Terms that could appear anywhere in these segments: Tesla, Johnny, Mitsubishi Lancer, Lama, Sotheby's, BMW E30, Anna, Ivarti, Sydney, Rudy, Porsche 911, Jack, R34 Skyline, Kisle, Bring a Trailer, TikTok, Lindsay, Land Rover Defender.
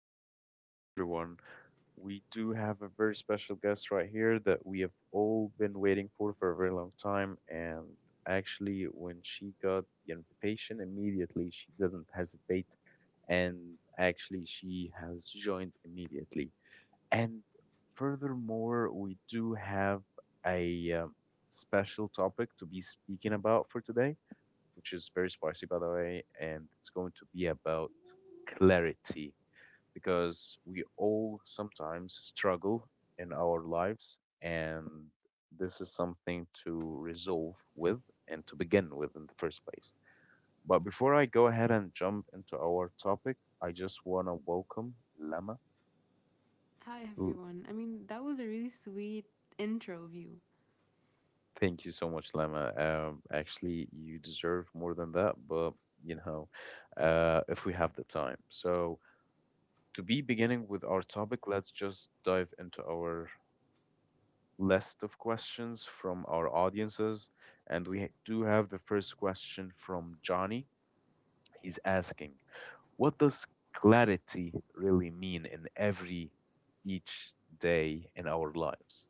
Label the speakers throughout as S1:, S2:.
S1: Hello, everyone. We do have a very special guest right here that we have all been waiting for a very long time. And actually, when she got the invitation, immediately she didn't hesitate. And actually, she has joined immediately. And furthermore, we do have a special topic to be speaking about for today, which is very spicy, by the way. And it's going to be about clarity because we all sometimes struggle in our lives, and this is something to resolve with and to begin with in the first place. But before I go ahead and jump into our topic, I just want to welcome Lama.
S2: Hi,
S1: L-
S2: everyone. That was a really sweet intro of you.
S1: Thank you so much, Lama. Actually, you deserve more than that, but you know, if we have the time. So, to be beginning with our topic, let's just dive into our list of questions from our audiences. And we do have the first question from Johnny. He's asking, what does clarity really mean in every each day in our lives?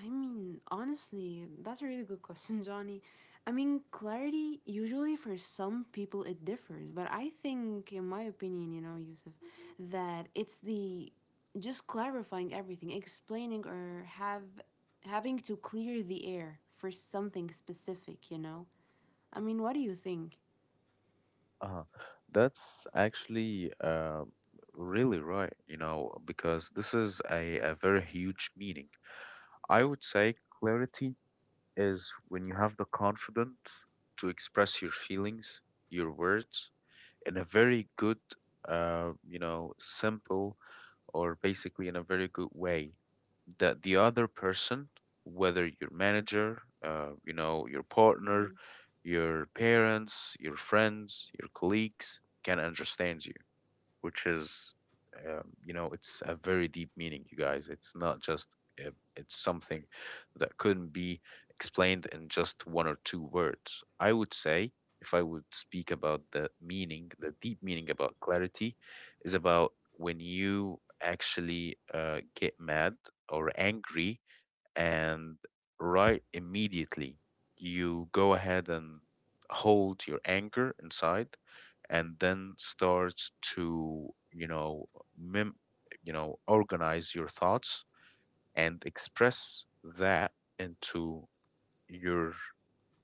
S2: Honestly, that's a really good question, Johnny. Clarity, usually for some people it differs, but I think, in my opinion, Yusuf, that it's the just clarifying everything, explaining or have having to clear the air for something specific, What do you think?
S1: Uh, that's actually really right, you know, because this is a very huge meaning. I would say clarity is when you have the confidence to express your feelings, your words, in a very good, you know, simple, or basically in a very good way, that the other person, whether your manager, you know, your partner,
S2: Hmm
S1: your parents, your friends, your colleagues, can understand you, which is, you know, it's a very deep meaning, you guys. It's not just, uh, it's something that couldn't be explained in just one or two words. I would say, if I would speak about the meaning, the deep meaning about clarity, is about when you actually get mad or angry, and right immediately you go ahead and hold your anger inside, and then starts to, you know, mem- you know, organize your thoughts and express that into your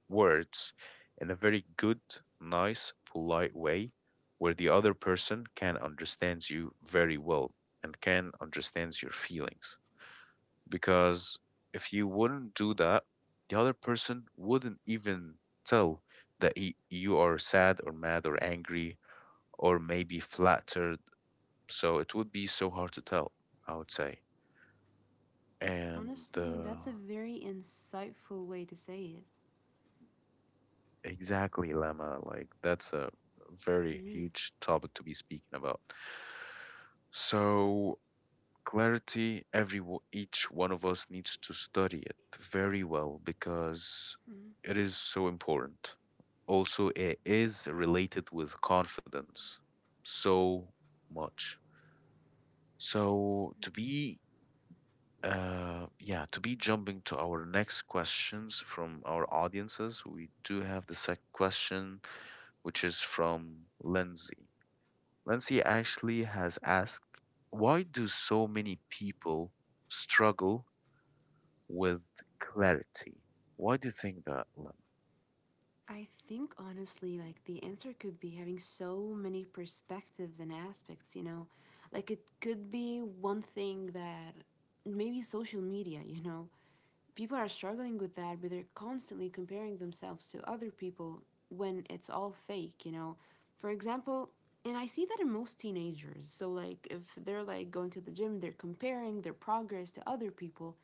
S1: words in a very good, nice, polite way where the other person can understands you very well and can understands your feelings, because if you wouldn't do that, the other person wouldn't even tell that you are sad or mad or angry, or maybe flattered. So it would be so hard to tell, I would say. And
S2: Honestly, that's a very insightful way to say it.
S1: Exactly, Lemma, like that's a very
S2: Mm.
S1: huge topic to be speaking about. So clarity, each one of us needs to study it very well, because it is so important. Also, it is related with confidence so much. So to be yeah, to be jumping to our next questions from our audiences, we do have the second question, which is from Lindsay. Lindsay actually has asked, why do so many people struggle with clarity. Why do you think that, Lemma?
S2: I think honestly, like the answer could be having so many perspectives and aspects, Like it could be one thing that maybe social media, People are struggling with that, but they're constantly comparing themselves to other people when it's all fake, For example, and I see that in most teenagers. So like if they're like going to the gym, they're comparing their progress to other people,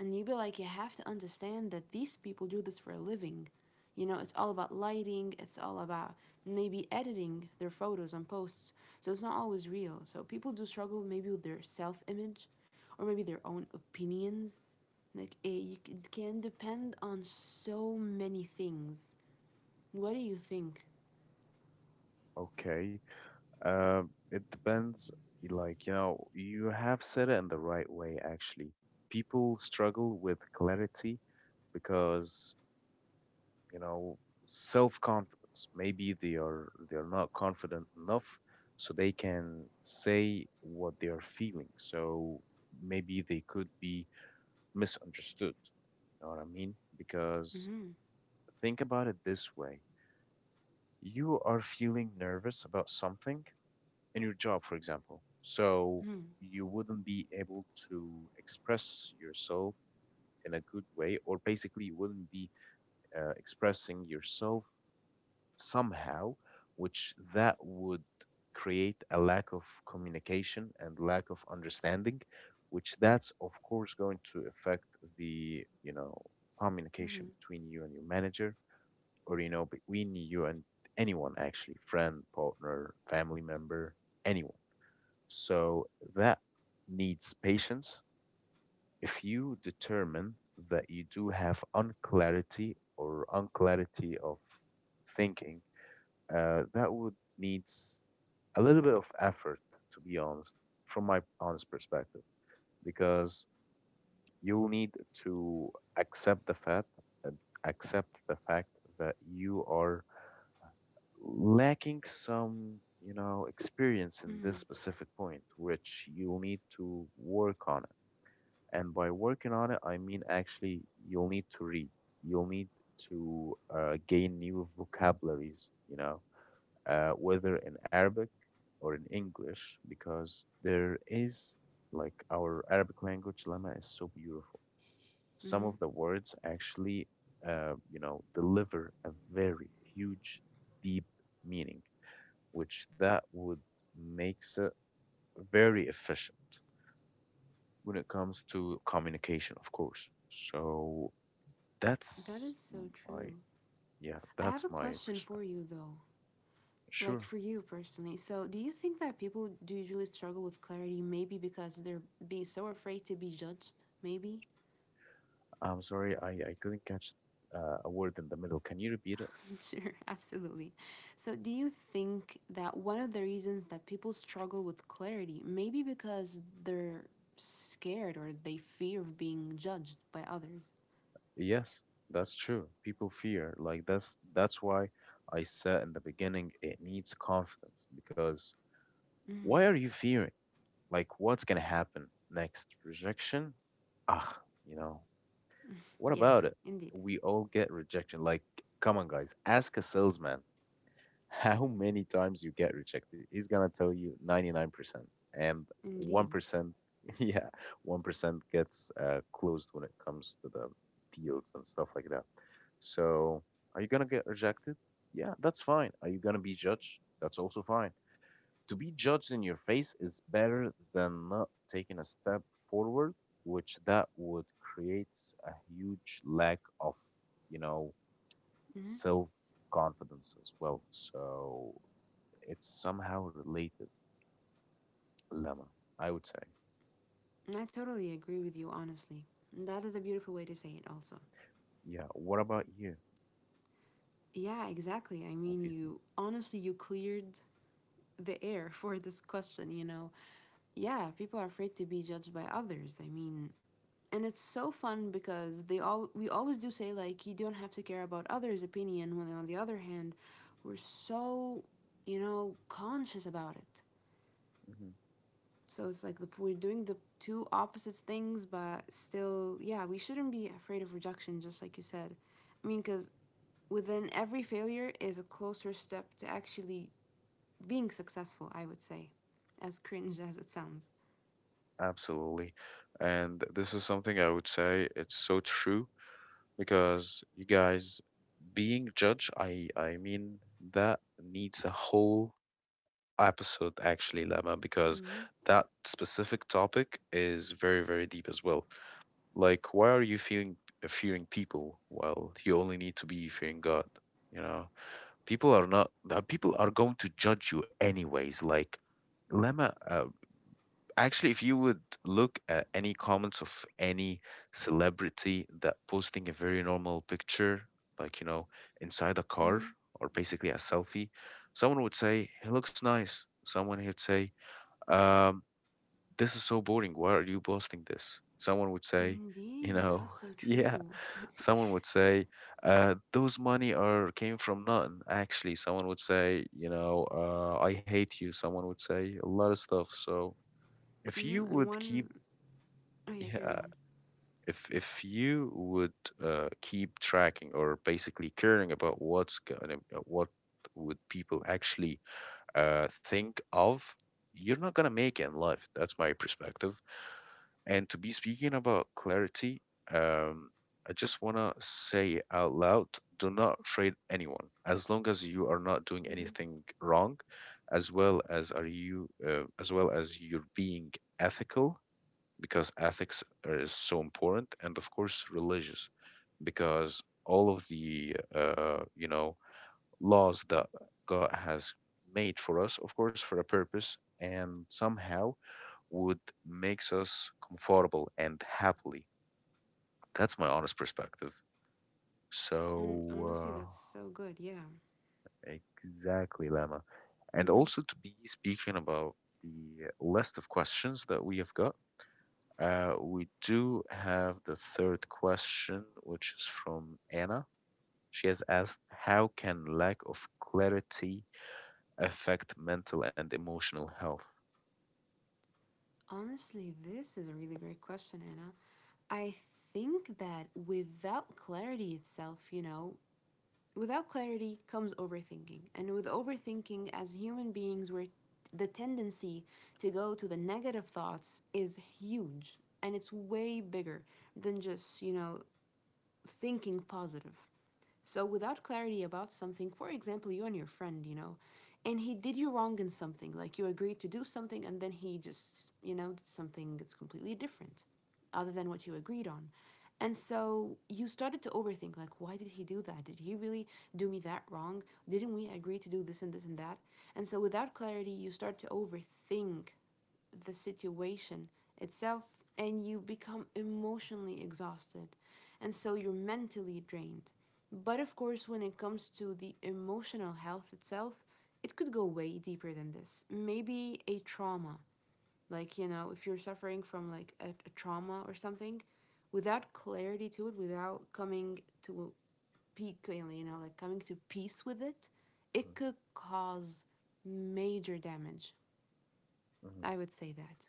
S2: and you be like you have to understand that these people do this for a living. It's all about lighting, it's all about maybe editing their photos and posts. So it's not always real. So people do struggle maybe with their self-image or maybe their own opinions like it, you can depend on so many things. What do you think?
S1: Okay. It depends. Like, you know, you have said it in the right way, actually. People struggle with clarity because, you know, self-confidence. Maybe they are not confident enough so they can say what they are feeling. So maybe they could be misunderstood. You know what I mean? Because
S2: Mm-hmm.
S1: think about it this way. You are feeling nervous about something in your job, for example. So
S2: Mm-hmm.
S1: you wouldn't be able to express yourself in a good way, or basically, you wouldn't be expressing yourself somehow, which that would create a lack of communication and lack of understanding, which that's of course going to affect the, you know,
S2: Mm-hmm.
S1: communication between you and your manager, or you know, between you and anyone, actually, friend, partner, family member, anyone. So that needs patience. If you determine that you do have unclarity, or unclarity of thinking, that would needs a little bit of effort, to be honest, from my honest perspective, because you'll need to accept the fact, uh, accept the fact that you are lacking some, you know, experience in this
S2: Mm-hmm.
S1: specific point, which you'll need to work on it. And by working on it I mean actually you'll need to read, you'll need to gain new vocabularies, you know, whether in Arabic or in English, because there is, like, our Arabic language, Lama, is so beautiful. Some of the words actually, you know, deliver a very huge, deep meaning, which that would makes it very efficient when it comes to communication, of course. So
S2: That
S1: that's
S2: is so
S1: my
S2: true.
S1: yeah,
S2: I
S1: that's
S2: have a
S1: my
S2: question for
S1: perspective.
S2: you though. Like
S1: Sure.
S2: for you personally. So, do you think that people do usually struggle with clarity maybe because they're be so afraid to be judged? Maybe?
S1: I'm sorry, I couldn't catch a word in the middle. Can you repeat it?
S2: Sure, absolutely. So, do you think that one of the reasons that people struggle with clarity maybe because they're scared or they fear of being judged by others?
S1: Yes, that's true. People fear. Like that's why I said in the beginning it needs confidence, because why
S2: Hmm
S1: are you fearing? Like, what's gonna happen next? Rejection? Ah, you know, what about
S2: Yes,
S1: it?
S2: indeed.
S1: We all get rejection. Like, come on, guys, ask a salesman how many times you get rejected. He's gonna tell you 99%, and
S2: Indeed.
S1: 1%, yeah, 1% gets closed when it comes to the deals and stuff like that. So, are you gonna get rejected? Yeah, that's fine. Are you gonna be judged? That's also fine. To be judged in your face is better than not taking a step forward, which that would create a huge lack of, you know,
S2: Hmm
S1: self confidence as well. So it's somehow related, Lemma, I would say.
S2: I totally agree with you, honestly. That is a beautiful way to say it, also.
S1: Yeah. What about you?
S2: Yeah, exactly. I
S1: What
S2: mean,
S1: do you
S2: you honestly, you cleared the air for this question, Yeah, people are afraid to be judged by others. I mean, and it's so fun because they all we always do say like you don't have to care about others' opinion when on the other hand we're so you know conscious about it.
S1: think? Hmm.
S2: So it's like we're doing the two opposite things, but still, yeah, we shouldn't be afraid of rejection, just like you said. I mean, because within every failure is a closer step to actually being successful, I would say, as cringe as it sounds.
S1: Absolutely. And this is something I would say it's so true, because you guys, being judged, I mean, that needs a whole episode actually, Lama, because
S2: Mm-hmm.
S1: that specific topic is very, very deep as well. Like, why are you fearing people? Well, you only need to be fearing God. You know, people are not. People are going to judge you anyways. Like, Lama, actually, if you would look at any comments of any celebrity that posting a very normal picture, like, you know, inside a
S2: Mm-hmm.
S1: car, or basically a selfie, someone would say he looks nice. Someone would say, um, this is so boring. Why are you posting this? Someone would say, you
S2: Indeed, that's
S1: know,
S2: so
S1: yeah.
S2: true.
S1: Someone would say, those money are came from nothing. Actually, someone would say, you know, I hate you. Someone would say a lot of stuff. So if
S2: hmm
S1: you
S2: And
S1: would
S2: one.
S1: keep,
S2: Oh yeah, carry
S1: yeah,
S2: on.
S1: if you would keep tracking or basically caring about what's going, what would people actually think of, you're not gonna make it in life. That's my perspective. And to be speaking about clarity, um, I just wanna say it out loud, do not afraid anyone. As long as you are not doing
S2: Mm-hmm.
S1: anything wrong, as well as you're being ethical, because is so important, and of course religious, because all of the you know, laws that God has made for us, of course, for a purpose, and somehow would makes us comfortable and happily. That's my honest perspective.
S2: Mm, honestly,
S1: So
S2: that's so good. Yeah.
S1: exactly, Lama, and
S2: Mm-hmm.
S1: also to be speaking about the list of questions that we have got. We do have the third question, which is from Anna. She has asked, "How can lack of clarity affect mental and emotional health?"
S2: Honestly, this is a really great question, Anna. I think that without clarity itself, without clarity comes overthinking, and with overthinking, as human beings, we're the tendency to go to the negative thoughts is huge and it's way bigger than just you know thinking positive. So without clarity about something, for example, you and your friend, and he did you wrong in something, like you agreed to do something and then he just, did something that's completely different other than what you agreed on. And so you started to overthink like why did he do that? Did he really do me that wrong? Didn't we agree to do this and this and that? And so without clarity, you start to overthink the situation itself and you become emotionally exhausted and so you're mentally drained. But of course, when it comes to the emotional health itself, it could go way deeper than this. Maybe a trauma, like, if you're suffering from like a trauma or something, without clarity to it, without coming to peak, like coming to peace with it, it
S1: Mhm,
S2: could cause major damage.
S1: mhm.
S2: I would say that.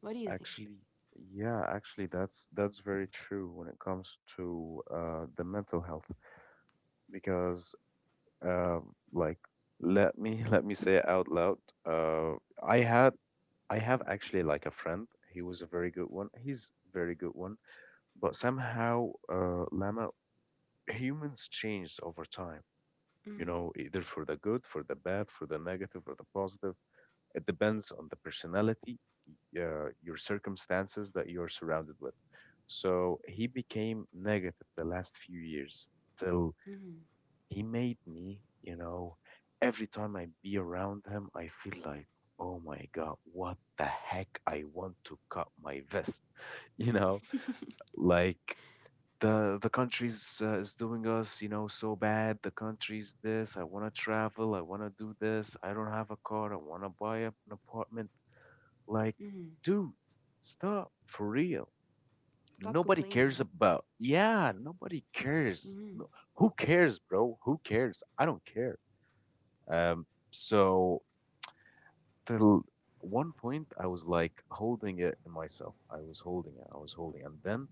S2: What do you think?
S1: Actually, yeah, actually, that's very true when it comes to the mental health, because, uh, like, let me let me say it out loud. Uh, I had I have actually like a friend. He was a very good one. He's a very good one. But somehow, Lama, humans changed over time. You
S2: Mm.
S1: know, either for the good, for the bad, for the negative, or the positive. It depends on the personality, your circumstances that you're surrounded with. So he became negative the last few years till
S2: mm.
S1: he made me, you know, every time I be around him, I feel like, oh my God, what the heck? I want to cut my vest, you know, like, the country's is doing us, you know, so bad. The country's this. I want to travel. I want to do this. I don't have a car. I want to buy an apartment. Like, dude, stop for real.
S2: Stop
S1: Nobody cares
S2: complaining.
S1: about. Yeah, nobody cares.
S2: Mm,
S1: No, who cares, bro? Who cares? I don't care. So till one point, I was like holding it in myself. I was holding it. I was holding, and then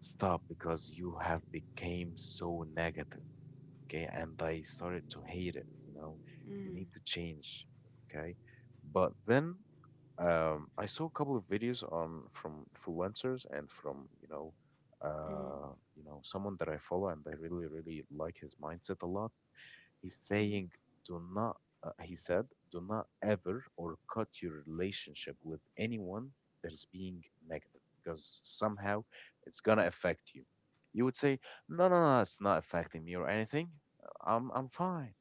S1: stop because you have became so negative. Okay, and I started to hate it. You know, you
S2: mm,
S1: need to change. Okay, but then I saw a couple of videos on from influencers and from,
S2: mm, mm,
S1: you know, someone that I follow and I really, really like his mindset a lot. He's
S2: mm,
S1: saying, do not, he said, do not ever or cut your relationship with anyone that is being negative, because somehow it's gonna affect you. You would say, no, no, no, it's not affecting me or anything. I'm fine.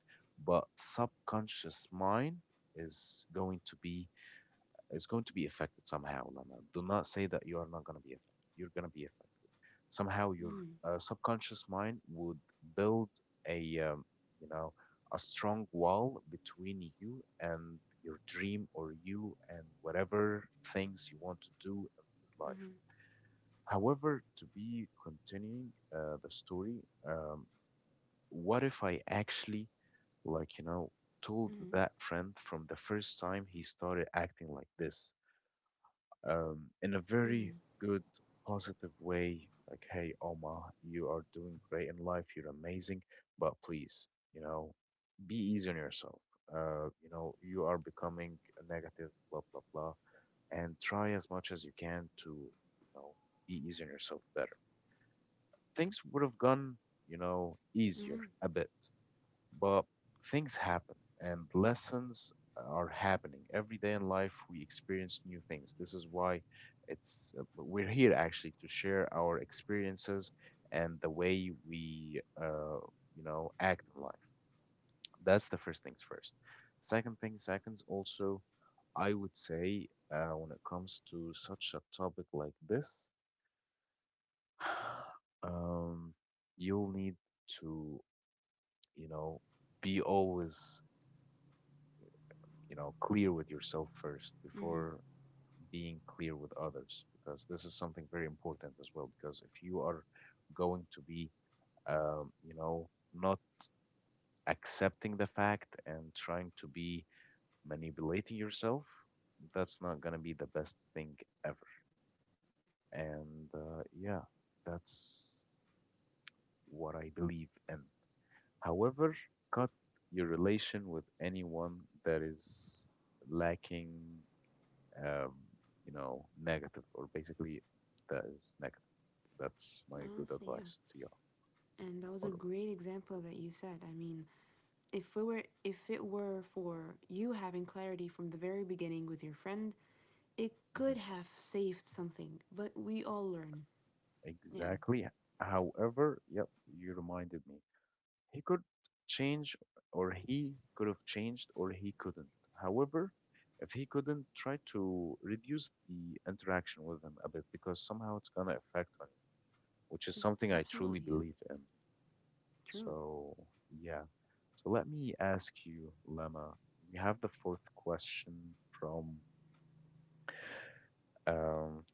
S1: But subconscious mind is going to be is going to be affected somehow, Lama. Do not say that you are not going to be affected. You're going to be affected. Somehow your
S2: mm,
S1: subconscious mind would build a, um, you know, a strong wall between you and your dream or you and whatever things you want to do in your life. However, to be continuing the story, um, what if I actually, like, you know, told
S2: mm,
S1: that friend from the first time he started acting like this in a very
S2: mm,
S1: good, positive way. Like, hey, Oma, you are doing great in life. You're amazing, but please, you know, be easy on yourself. You are becoming a negative, blah, blah, blah. And try as much as you can to, be easy on yourself better. Things would have gone, easier
S2: mm,
S1: a bit. But things happen and lessons are happening. Every day in life, we experience new things. This is why it's we're here actually to share our experiences and the way we act in life. That's the first things first. Second thing, seconds also, I would say when it comes to such a topic like this, um, you'll need to you know be always clear with yourself first
S2: mm.
S1: before being clear with others, because this is something very important as well. Because if you are going to be, um, you know, not accepting the fact and trying to be manipulating yourself, that's not going to be the best thing ever. And yeah, that's what I believe in. However, cut your relation with anyone that is lacking um, negative or basically that is negative. That's my good
S2: Honestly, yeah.
S1: advice to you.
S2: And that was a
S1: Or
S2: great example that you said. I mean, if we were, if it were for you having clarity from the very beginning with your friend, it
S1: Mhm.
S2: could have saved something. But we all learn. Yeah,
S1: Exactly. However, yep, you reminded me. He could change, or he could have changed, or he couldn't. However, if he couldn't, try to reduce the interaction with him a bit because somehow it's gonna affect on you, which is
S2: mm,
S1: something I
S2: absolutely.
S1: truly
S2: Yeah,
S1: believe in.
S2: true.
S1: So, yeah. So let me ask you, Lama. We have the fourth question from um,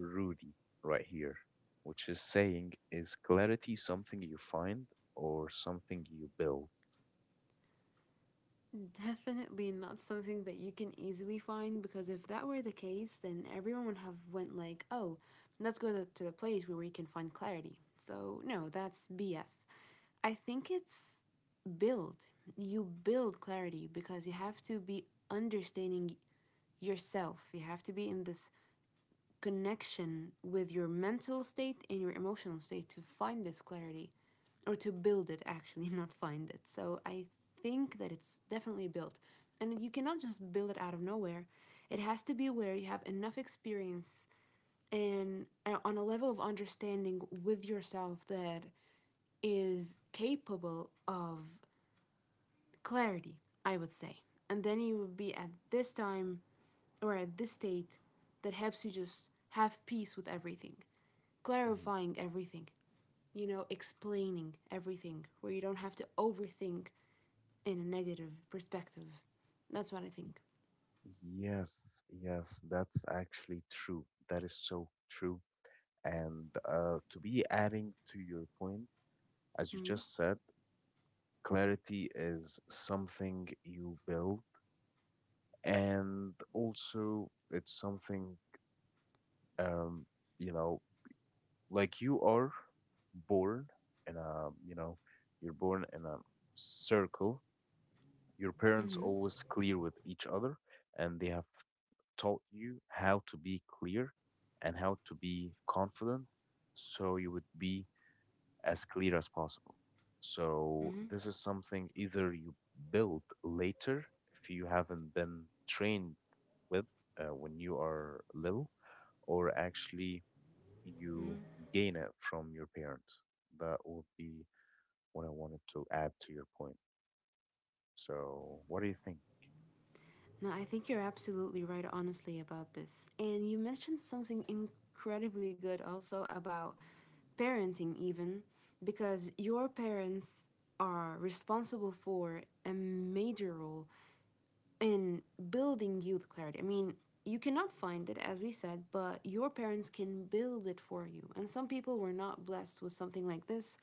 S1: Rudy right here, which is saying, is clarity something you find or something you build?
S2: Definitely not something that you can easily find, because if that were the case then everyone would have went like, oh, let's go to the place where we can find clarity, so no, that's B S. I think it's build. You build clarity because you have to be understanding yourself. You have to be in this connection with your mental state and your emotional state to find this clarity or to build it actually not find it. So I think that it's definitely built, and you cannot just build it out of nowhere. It has to be where you have enough experience and on a level of understanding with yourself that is capable of clarity, I would say. And then you would be at this time or at this state that helps you just have peace with everything,
S1: Mhm.
S2: clarifying everything, explaining everything where you don't have to overthink in a negative perspective. That's what I think.
S1: Yes, yes, that's actually true. That is so true. And to be adding to your point, as you
S2: Mm-hmm.
S1: just said, clarity is something you build and also it's something um you know like you are born in a you're born in a circle. Your parents
S2: Mm-hmm.
S1: always clear with each other and they have taught you how to be clear and how to be confident, so you would be as clear as possible. So
S2: Mm-hmm.
S1: this is something either you build later if you haven't been trained with when you are little, or actually you gain it from your parents. That would be what I wanted to add to your point. So, what do you think?
S2: No, I think you're absolutely right, honestly, about this. And you mentioned something incredibly good also about parenting, even, because your parents are responsible for a major role in building youth clarity. I mean, you cannot find it, as we said, but your parents can build it for you. And some people were not blessed with something like this,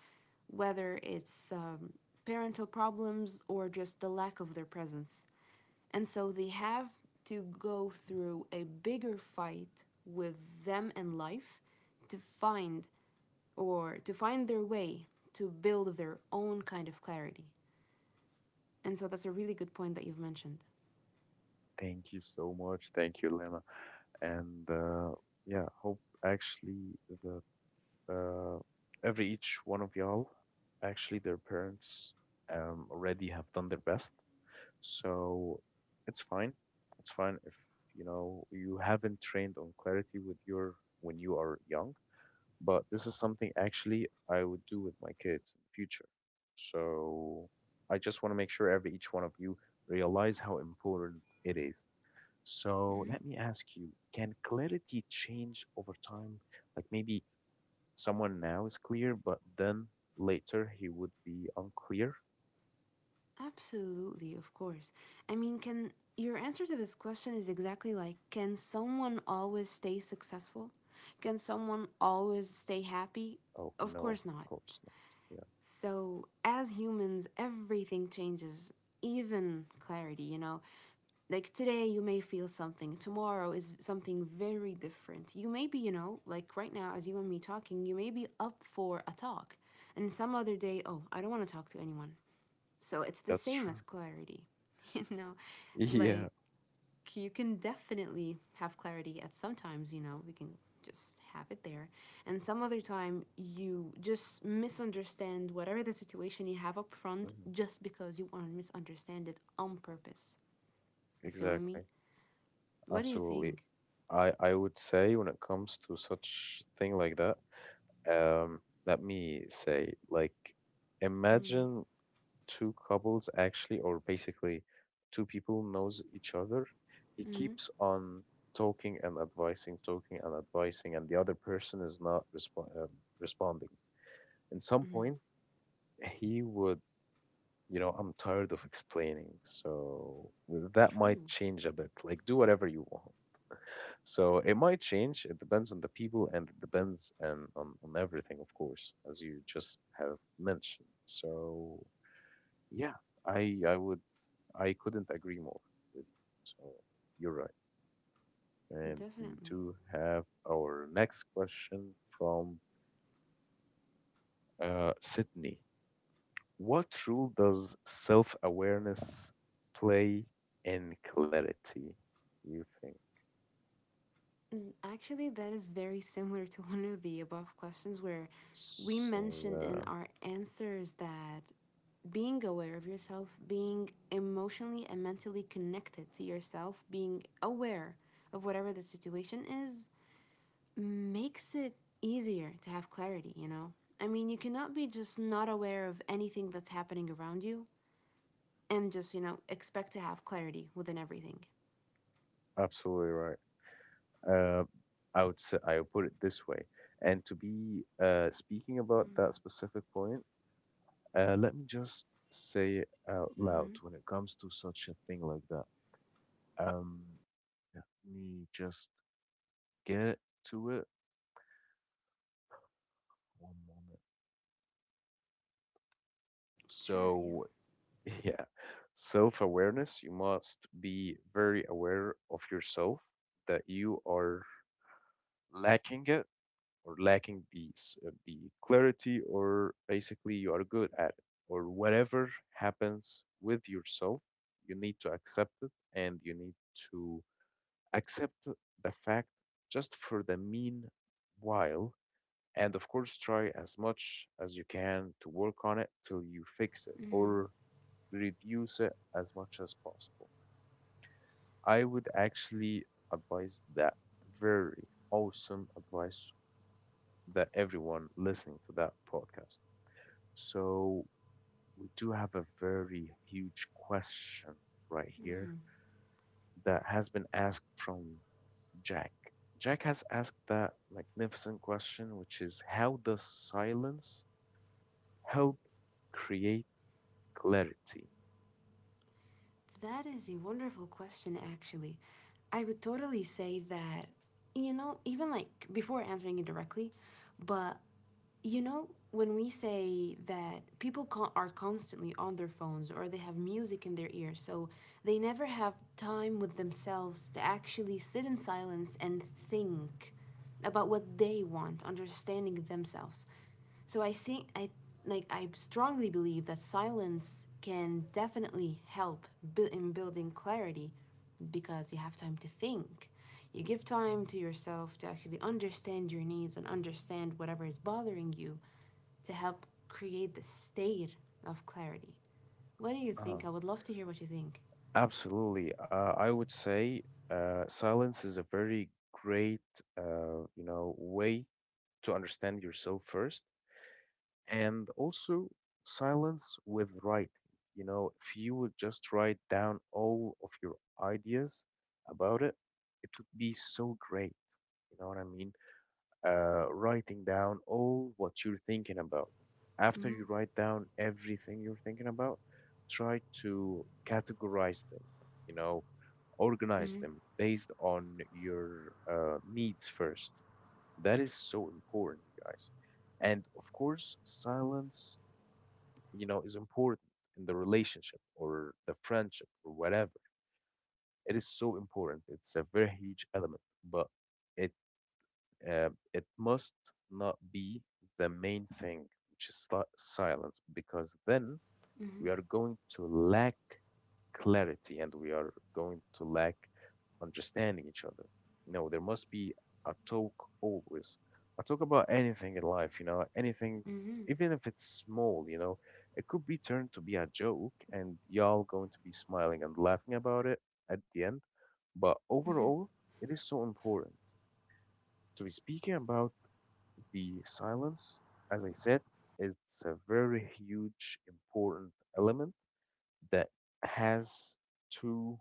S2: whether it's parental problems or just the lack of their presence. And so they have to go through a bigger fight with them and life to find or to find their way to build their own kind of clarity. And so that's a really good point that you've mentioned.
S1: Thank you so much. Thank you, Lema. And yeah, hope actually that uh, every each one of y'all, actually their parents already have done their best. So it's fine. It's fine if you haven't trained on clarity with your when you are young. But this is something actually I would do with my kids in the future. So I just want to make sure every each one of you realize how important it is. So let me ask you, can clarity change over time? Like maybe someone now is clear, but then later he would be unclear?
S2: Absolutely, of course. I mean, can your answer to this question is exactly like, can someone always stay successful? Can someone always stay happy?
S1: Oh
S2: Of
S1: no,
S2: course
S1: of
S2: not.
S1: course not. Yeah,
S2: So, as humans, everything changes, even clarity, Like today, you may feel something, tomorrow is something very different. You may be, like right now, as you and me talking, you may be up for a talk. And some other day, oh, I don't want to talk to anyone. So it's the
S1: that's
S2: same
S1: true.
S2: as clarity, you know? Like,
S1: Yeah,
S2: you can definitely have clarity at sometimes, we can just have it there. And some other time, you just misunderstand whatever the situation you have up front
S1: mhm,
S2: just because you want to misunderstand it on purpose. You feeling me?
S1: exactly.
S2: What do you
S1: Absolutely.
S2: think?
S1: I would say when it comes to such thing like that. Um, Let me say, like, imagine two couples actually, or basically two people knows each other. He
S2: Mm hmm.
S1: keeps on talking and advising, and the other person is not responding. In some
S2: Mm hmm.
S1: point, he would, you know, I'm tired of explaining, so that might
S2: True.
S1: change a bit. Like, do whatever you want. So it might change. It depends on the people and it depends and on everything, of course, as you just have mentioned. So yeah, I would I couldn't agree more with you. So you're right. And we
S2: Definitely.
S1: do have our next question from Sydney. What role does self-awareness play in clarity, you think?
S2: Mm, actually, that is very similar to one of the above questions where we
S1: So
S2: mentioned in
S1: yeah,
S2: our answers that being aware of yourself, being emotionally and mentally connected to yourself, being aware of whatever the situation is, makes it easier to have clarity, I mean, you cannot be just not aware of anything that's happening around you and just, expect to have clarity within everything.
S1: absolutely right. Uh, I would say, I would put it this way. And to be speaking about that specific point, let me just say it out loud
S2: Mm-hmm.
S1: when it comes to such a thing like that. Um, Let me just get to it one moment.
S2: Sure, yeah.
S1: So, yeah, self-awareness, you must be very aware of yourself that you are lacking it or lacking the the clarity, or basically you are good at it, or whatever happens with yourself, you need to accept it and you need to accept the fact just for the meanwhile, and of course try as much as you can to work on it till you fix it or reduce it as much as possible. I would actually advise that very awesome advice that everyone listening to that podcast. So we do have a very huge question right here
S2: Mm-hmm.
S1: that has been asked from Jack. Jack has asked that magnificent question, which is how does silence help create clarity?
S2: That is a wonderful question, actually. I would totally say that, you know, even like before answering it directly, but you know when we say that people are constantly on their phones or they have music in their ears, so they never have time with themselves to actually sit in silence and think about what they want, understanding themselves. So I like I strongly believe that silence can definitely help in building clarity because you have time to think. You give time to yourself to actually understand your needs and understand whatever is bothering you to help create the state of clarity. What do you think?
S1: Uh,
S2: I would love to hear what you think.
S1: absolutely. I would say silence is a very great, way to understand yourself first, and also silence with writing. You know, if you would just write down all of your ideas about it, it would be so great. You know what I mean? Writing down all what you're thinking about. After
S2: Mhm.
S1: you write down everything you're thinking about, try to categorize them, you know, organize
S2: mhm,
S1: them based on your needs first. That is so important, you guys. And of course, silence, you know, is important in the relationship or the friendship or whatever. It is so important. It's a very huge element, but it it must not be the main thing, which is silence, because then
S2: mhm,
S1: we are going to lack clarity and we are going to lack understanding each other. No, there must be a talk always. A talk about anything in life, you know, anything,
S2: mhm,
S1: even if it's small, you know, it could be turned to be a joke and y'all going to be smiling and laughing about it at the end. But
S2: mhm,
S1: overall, it is so important to be speaking about the silence, as I said, is a very huge, important element that has to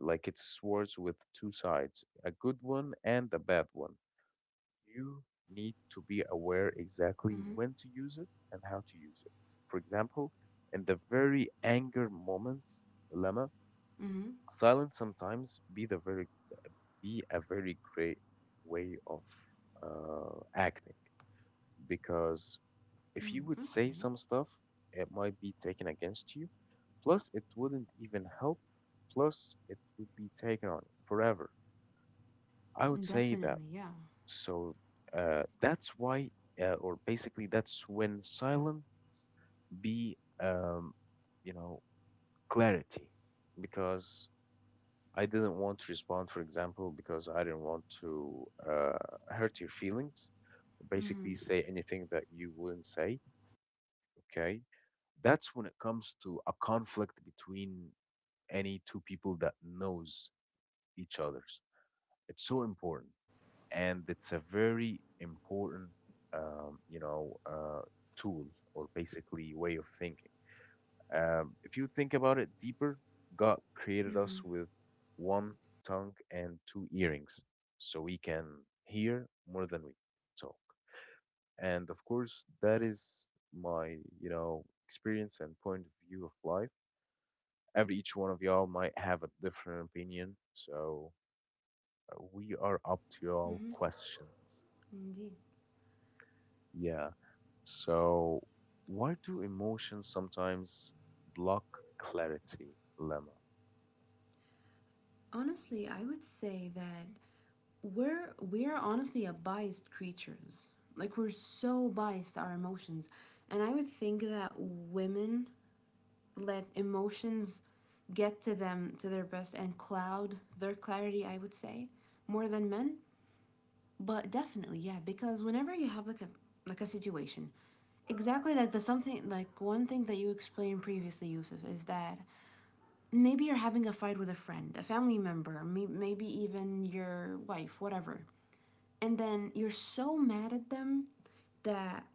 S1: like it's swords with two sides, a good one and a bad one. You need to be aware exactly
S2: mhm,
S1: when to use it and how to use it. For example, in the very anger moment dilemma,
S2: mhm,
S1: silence sometimes be the very be a very great way of acting, because if you
S2: mhm.
S1: would say
S2: Okay.
S1: some stuff, it might be taken against you. Plus, it wouldn't even help. Plus, it would be taken on you forever. I would say that.
S2: Definitely, yeah.
S1: So that's why, or basically, that's when silent be, you know, clarity, because I didn't want to respond, for example, because I didn't want to hurt your feelings, basically
S2: Mhm,
S1: say anything that you wouldn't say. Okay, that's when it comes to a conflict between any two people that knows each other's. It's so important and it's a very important um, you know uh, tool or basically way of thinking. If you think about it deeper, god created us
S2: mhm,
S1: with one tongue and two earrings, so we can hear more than we talk. And of course that is my experience and point of view of life. Every each one of y'all might have a different opinion, so we are up to y'all
S2: mhm,
S1: questions.
S2: indeed.
S1: Yeah. So, why do emotions sometimes block clarity, Lemma?
S2: Honestly, I would say that we're honestly a biased creatures. Like we're so biased to our emotions. And I would think that women let emotions get to them to their best and cloud their clarity, I would say, more than men. But definitely, yeah, because whenever you have like a situation, exactly like the something like one thing that you explained previously, Yusuf, is that maybe you're having a fight with a friend, a family member, maybe even your wife, whatever. And then you're so mad at them that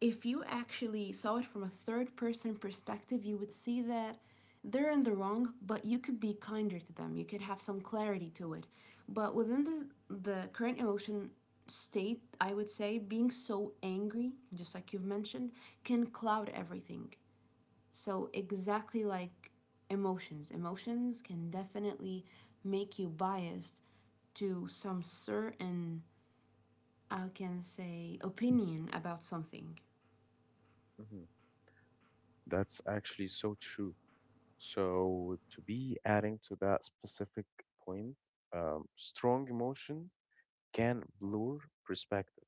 S2: if you actually saw it from a third person perspective, you would see that they're in the wrong, but you could be kinder to them. You could have some clarity to it. But within the current emotion state, I would say being so angry, just like you've mentioned, can cloud everything. So, exactly like emotions can definitely make you biased to some certain, I can say, opinion about something.
S1: Hmm. That's actually so true. So, to be adding to that specific point, strong emotion can blur perspective.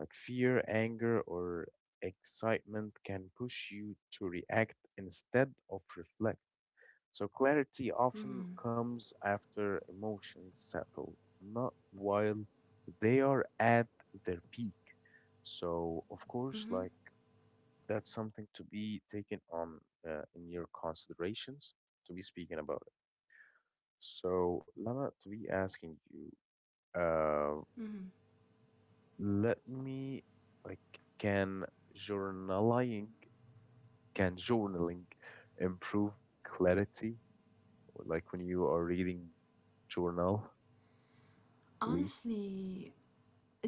S1: Like fear, anger, or excitement can push you to react instead of reflect. So clarity often
S2: Mm-hmm.
S1: comes after emotions settle, not while they are at their peak. So of course,
S2: Mm-hmm.
S1: like that's something to be taken on in your considerations to be speaking about it. So Lama, to be asking you, uh,
S2: Mm-hmm.
S1: let me like can journaling can journaling improve clarity? Or Like when you are reading journal, I believe.
S2: Honestly,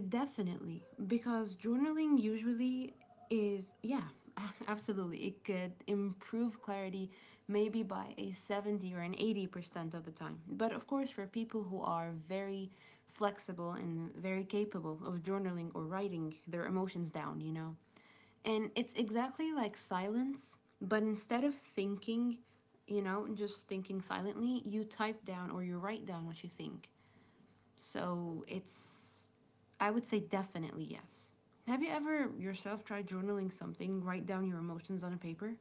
S2: definitely, because journaling usually is, yeah, absolutely. It could improve clarity maybe by a 70 or an 80% of the time. But of course, for people who are very flexible and very capable of journaling or writing their emotions down, And it's exactly like silence, but instead of thinking, just thinking silently, you type down or you write down what you think. So it's, I would say definitely yes. Have you ever yourself tried journaling something? Write down your emotions on a paper?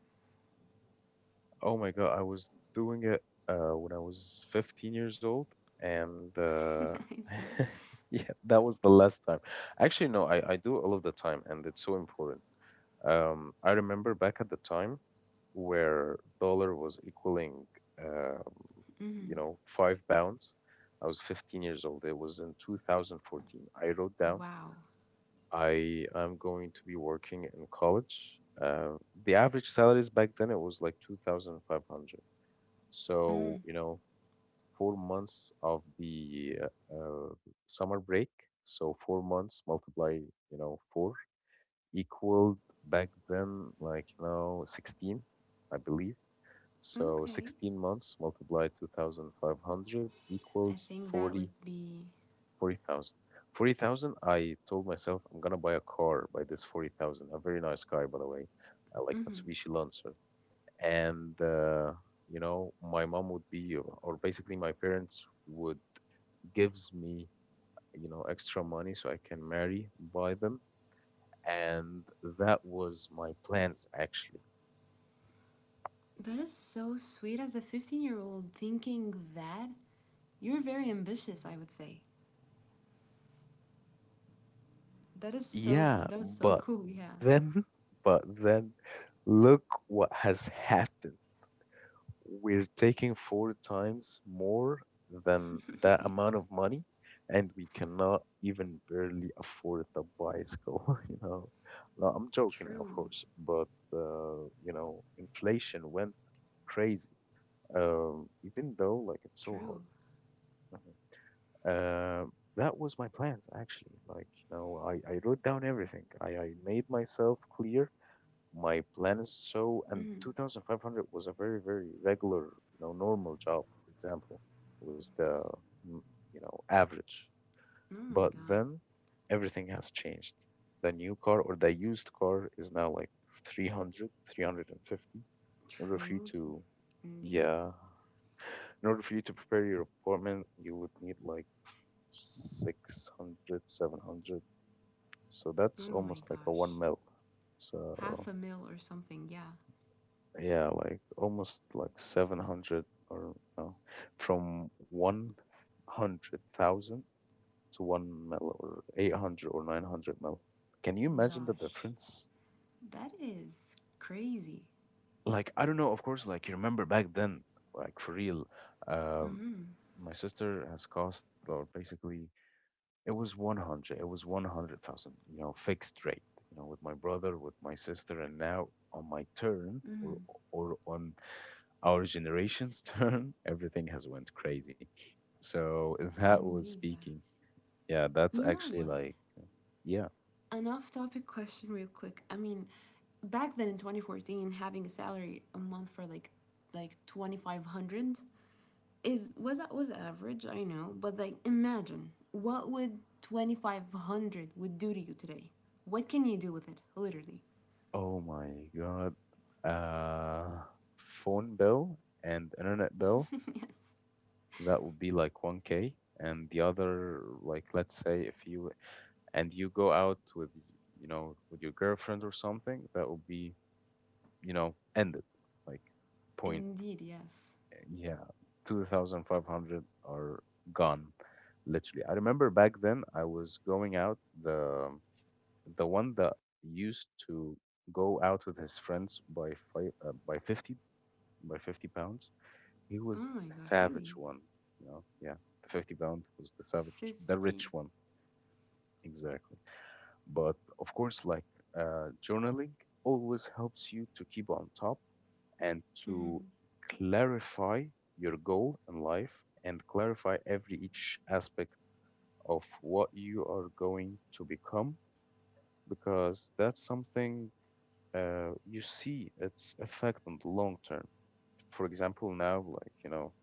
S1: Oh my God, I was doing it when I was 15 years old, and
S2: I see.
S1: yeah, that was the last time. Actually, no, I do all of the time, and it's so important. I remember back at the time where dollar was equaling, um,
S2: Mm-hmm.
S1: 5 pounds. I was 15 years old. It was in 2014. I wrote down,
S2: Wow.
S1: I am going to be working in college. The average salaries back then it was like 2,500.
S2: Mm-hmm.
S1: So, you know, 4 months of the summer break. So 4 months multiply, you know, four equaled back then, like, you know, 16, I believe. So
S2: Okay.
S1: 16 months multiplied 2,500
S2: I
S1: equals
S2: think that would
S1: forty
S2: be.
S1: forty 40,000. 40,000, I told myself, I'm gonna buy a car by this 40,000, a very nice car, by the way. I like
S2: Mm-hmm.
S1: Mitsubishi Lancer. And you know, my mom would be, or basically, my parents would gives me, you know, extra money so I can marry buy them. And that was my plans actually.
S2: That is so sweet as a 15-year-old thinking that. You're very ambitious, I would say. That is so.
S1: Yeah,
S2: That was so
S1: but
S2: cool, yeah.
S1: then, but then, look what has happened. We're taking four times more than that amount of money, and we cannot even barely afford the bicycle, you know. No, I'm joking, of
S2: True.
S1: course, but inflation went crazy. Even though, like, it's so hard.
S2: True.
S1: Mm-hmm. Uh, that was my plans actually. Like, you know, I wrote down everything. I made myself clear my plans. So, and
S2: Mm-hmm.
S1: 2,500 was a very, very regular, you know, normal job, for example, was the, mm, you know, average.
S2: Oh my
S1: But
S2: god.
S1: then everything has changed. The new car or the used car is now like 300, 350. In order for you
S2: True,
S1: to
S2: indeed.
S1: Yeah, in order for you to prepare your apartment, you would need like 600, 700. So that's
S2: Oh my
S1: almost like a 1
S2: gosh.
S1: mil.
S2: Half
S1: So
S2: a mil or something. Yeah.
S1: yeah, like almost like 700, or no, from 100,000 to 1 mil, or 800 or 900 mil. Can you imagine the
S2: Gosh.
S1: difference?
S2: That is crazy.
S1: Like, I don't know, of course, like, you remember back then, like, for real, um, my sister has cost, or basically, it was 100. It was 100,000, you know, fixed rate, you know, with my brother, with my sister, and now on my turn, or on our generation's turn, everything has went crazy. So that was
S2: Indeed, yeah.
S1: speaking. Yeah, that's
S2: You know
S1: actually
S2: what?
S1: like, yeah.
S2: An off topic question, real quick. I mean, back then in 2014, having a salary a month for like 2,500 is was that was average, I know, but like imagine what would 2,500 would do to you today. What can you do with it, literally?
S1: Oh my God. Uh, Phone bill and internet bill,
S2: Yes,
S1: that would be like 1K. And the other, like, let's say if you and you go out with your girlfriend or something, that will be ended. Like, point,
S2: indeed. Yes.
S1: yeah, 2,500 are gone. Literally, I remember back then I was going out, the one that used to go out with his friends by 50 pounds. He
S2: Oh
S1: was
S2: my
S1: the
S2: gosh, really?
S1: savage one. Yeah, the 50 pound was the savage, the
S2: 50.
S1: rich one, exactly. But of course, like, journaling always helps you to keep on top, and to
S2: Mm-hmm.
S1: clarify your goal in life, and clarify every each aspect of what you are going to become, because that's something you see its effect on the long term. For example, now, like, you know,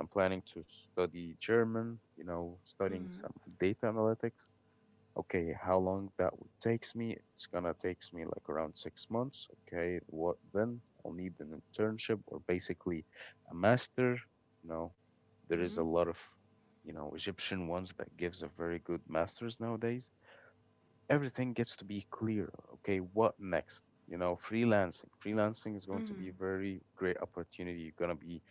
S1: I'm planning to study German, you know, studying
S2: Mm-hmm.
S1: some data analytics. Okay, how long that would takes me? It's gonna takes me like around 6 months. Okay, what then? I'll need an internship, or basically a master. You know, there is
S2: Mm-hmm.
S1: a lot of, you know, Egyptian ones that gives a very good masters nowadays. Everything gets to be clear. Okay, what next? You know, freelancing. Freelancing is going
S2: Mm-hmm.
S1: to be very great opportunity. You're gonna be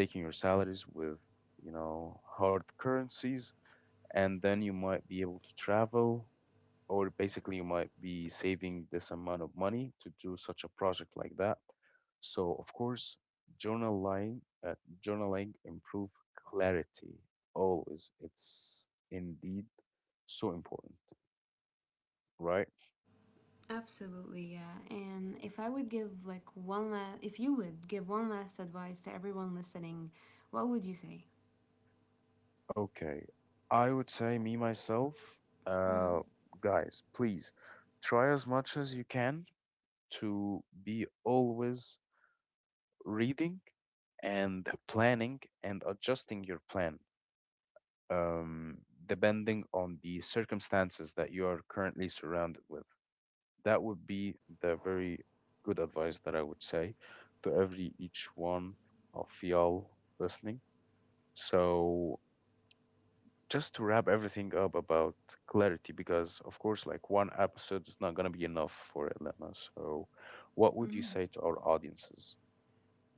S1: taking your salaries with, you know, hard currencies, and then you might be able to travel, or basically you might be saving this amount of money to do such a project like that. So of course, journaling uh, journaling improve clarity always. It's indeed so important, right?
S2: Absolutely, yeah. And if I would give like one last, if you would give one last advice to everyone listening, what would you say?
S1: Okay, I would say me myself,
S2: Mm-hmm.
S1: uh, guys, please try as much as you can to be always reading, and planning, and adjusting your plan, um, depending on the circumstances that you are currently surrounded with. That would be the very good advice that I would say to every each one of y'all listening. So just to wrap everything up about clarity, because of course, like, one episode is not gonna be enough for Elena. So, what would you
S2: Mm-hmm.
S1: say to our audiences?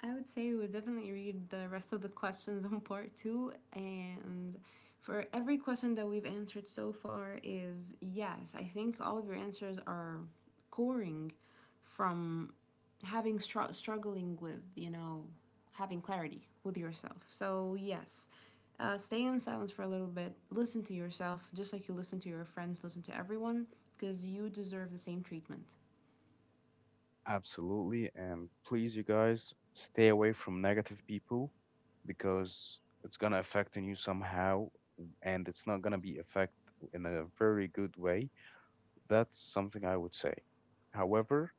S2: I would say we would definitely read the rest of the questions on part two. And for every question that we've answered so far, is yes, I think all of your answers are coring from having struggling with, having clarity with yourself. So, yes, stay in silence for a little bit, listen to yourself, just like you listen to your friends, listen to everyone, because you deserve the same treatment.
S1: Absolutely. And please, you guys, stay away from negative people, because it's going to affect on you somehow, and it's not going to be affect in a very good way. That's something I would say. However,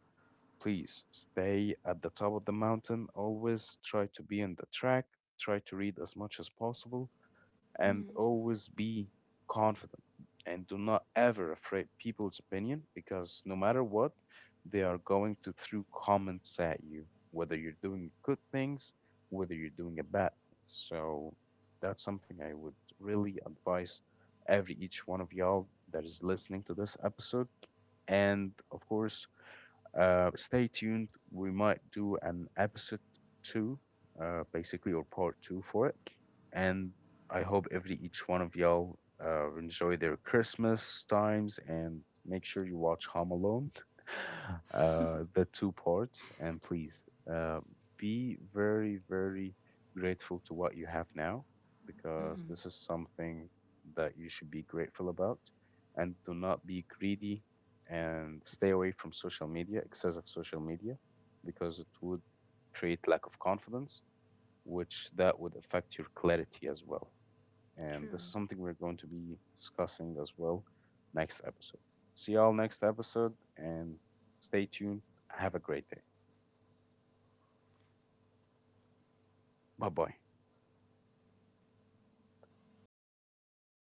S1: please stay at the top of the mountain. Always try to be in the track. Try to read as much as possible, and
S2: Mm-hmm.
S1: always be confident, and do not ever afraid people's opinion, because no matter what, they are going to throw comments at you, whether you're doing good things, whether you're doing a bad thing. So that's something I would really advise every each one of y'all that is listening to this episode. And of course, stay tuned. We might do an episode two, basically, or part two for it. And I hope every each one of y'all enjoy their Christmas times, and make sure you watch Home Alone, the two parts. And please, uh, be very, very grateful to what you have now, because
S2: Mm-hmm.
S1: this is something that you should be grateful about. And do not be greedy, and stay away from social media, excessive social media, because it would create lack of confidence, which that would affect your clarity as well. And this
S2: True.
S1: is something we're going to be discussing as well next episode. See y'all next episode, and stay tuned. Have a great day. Bye bye.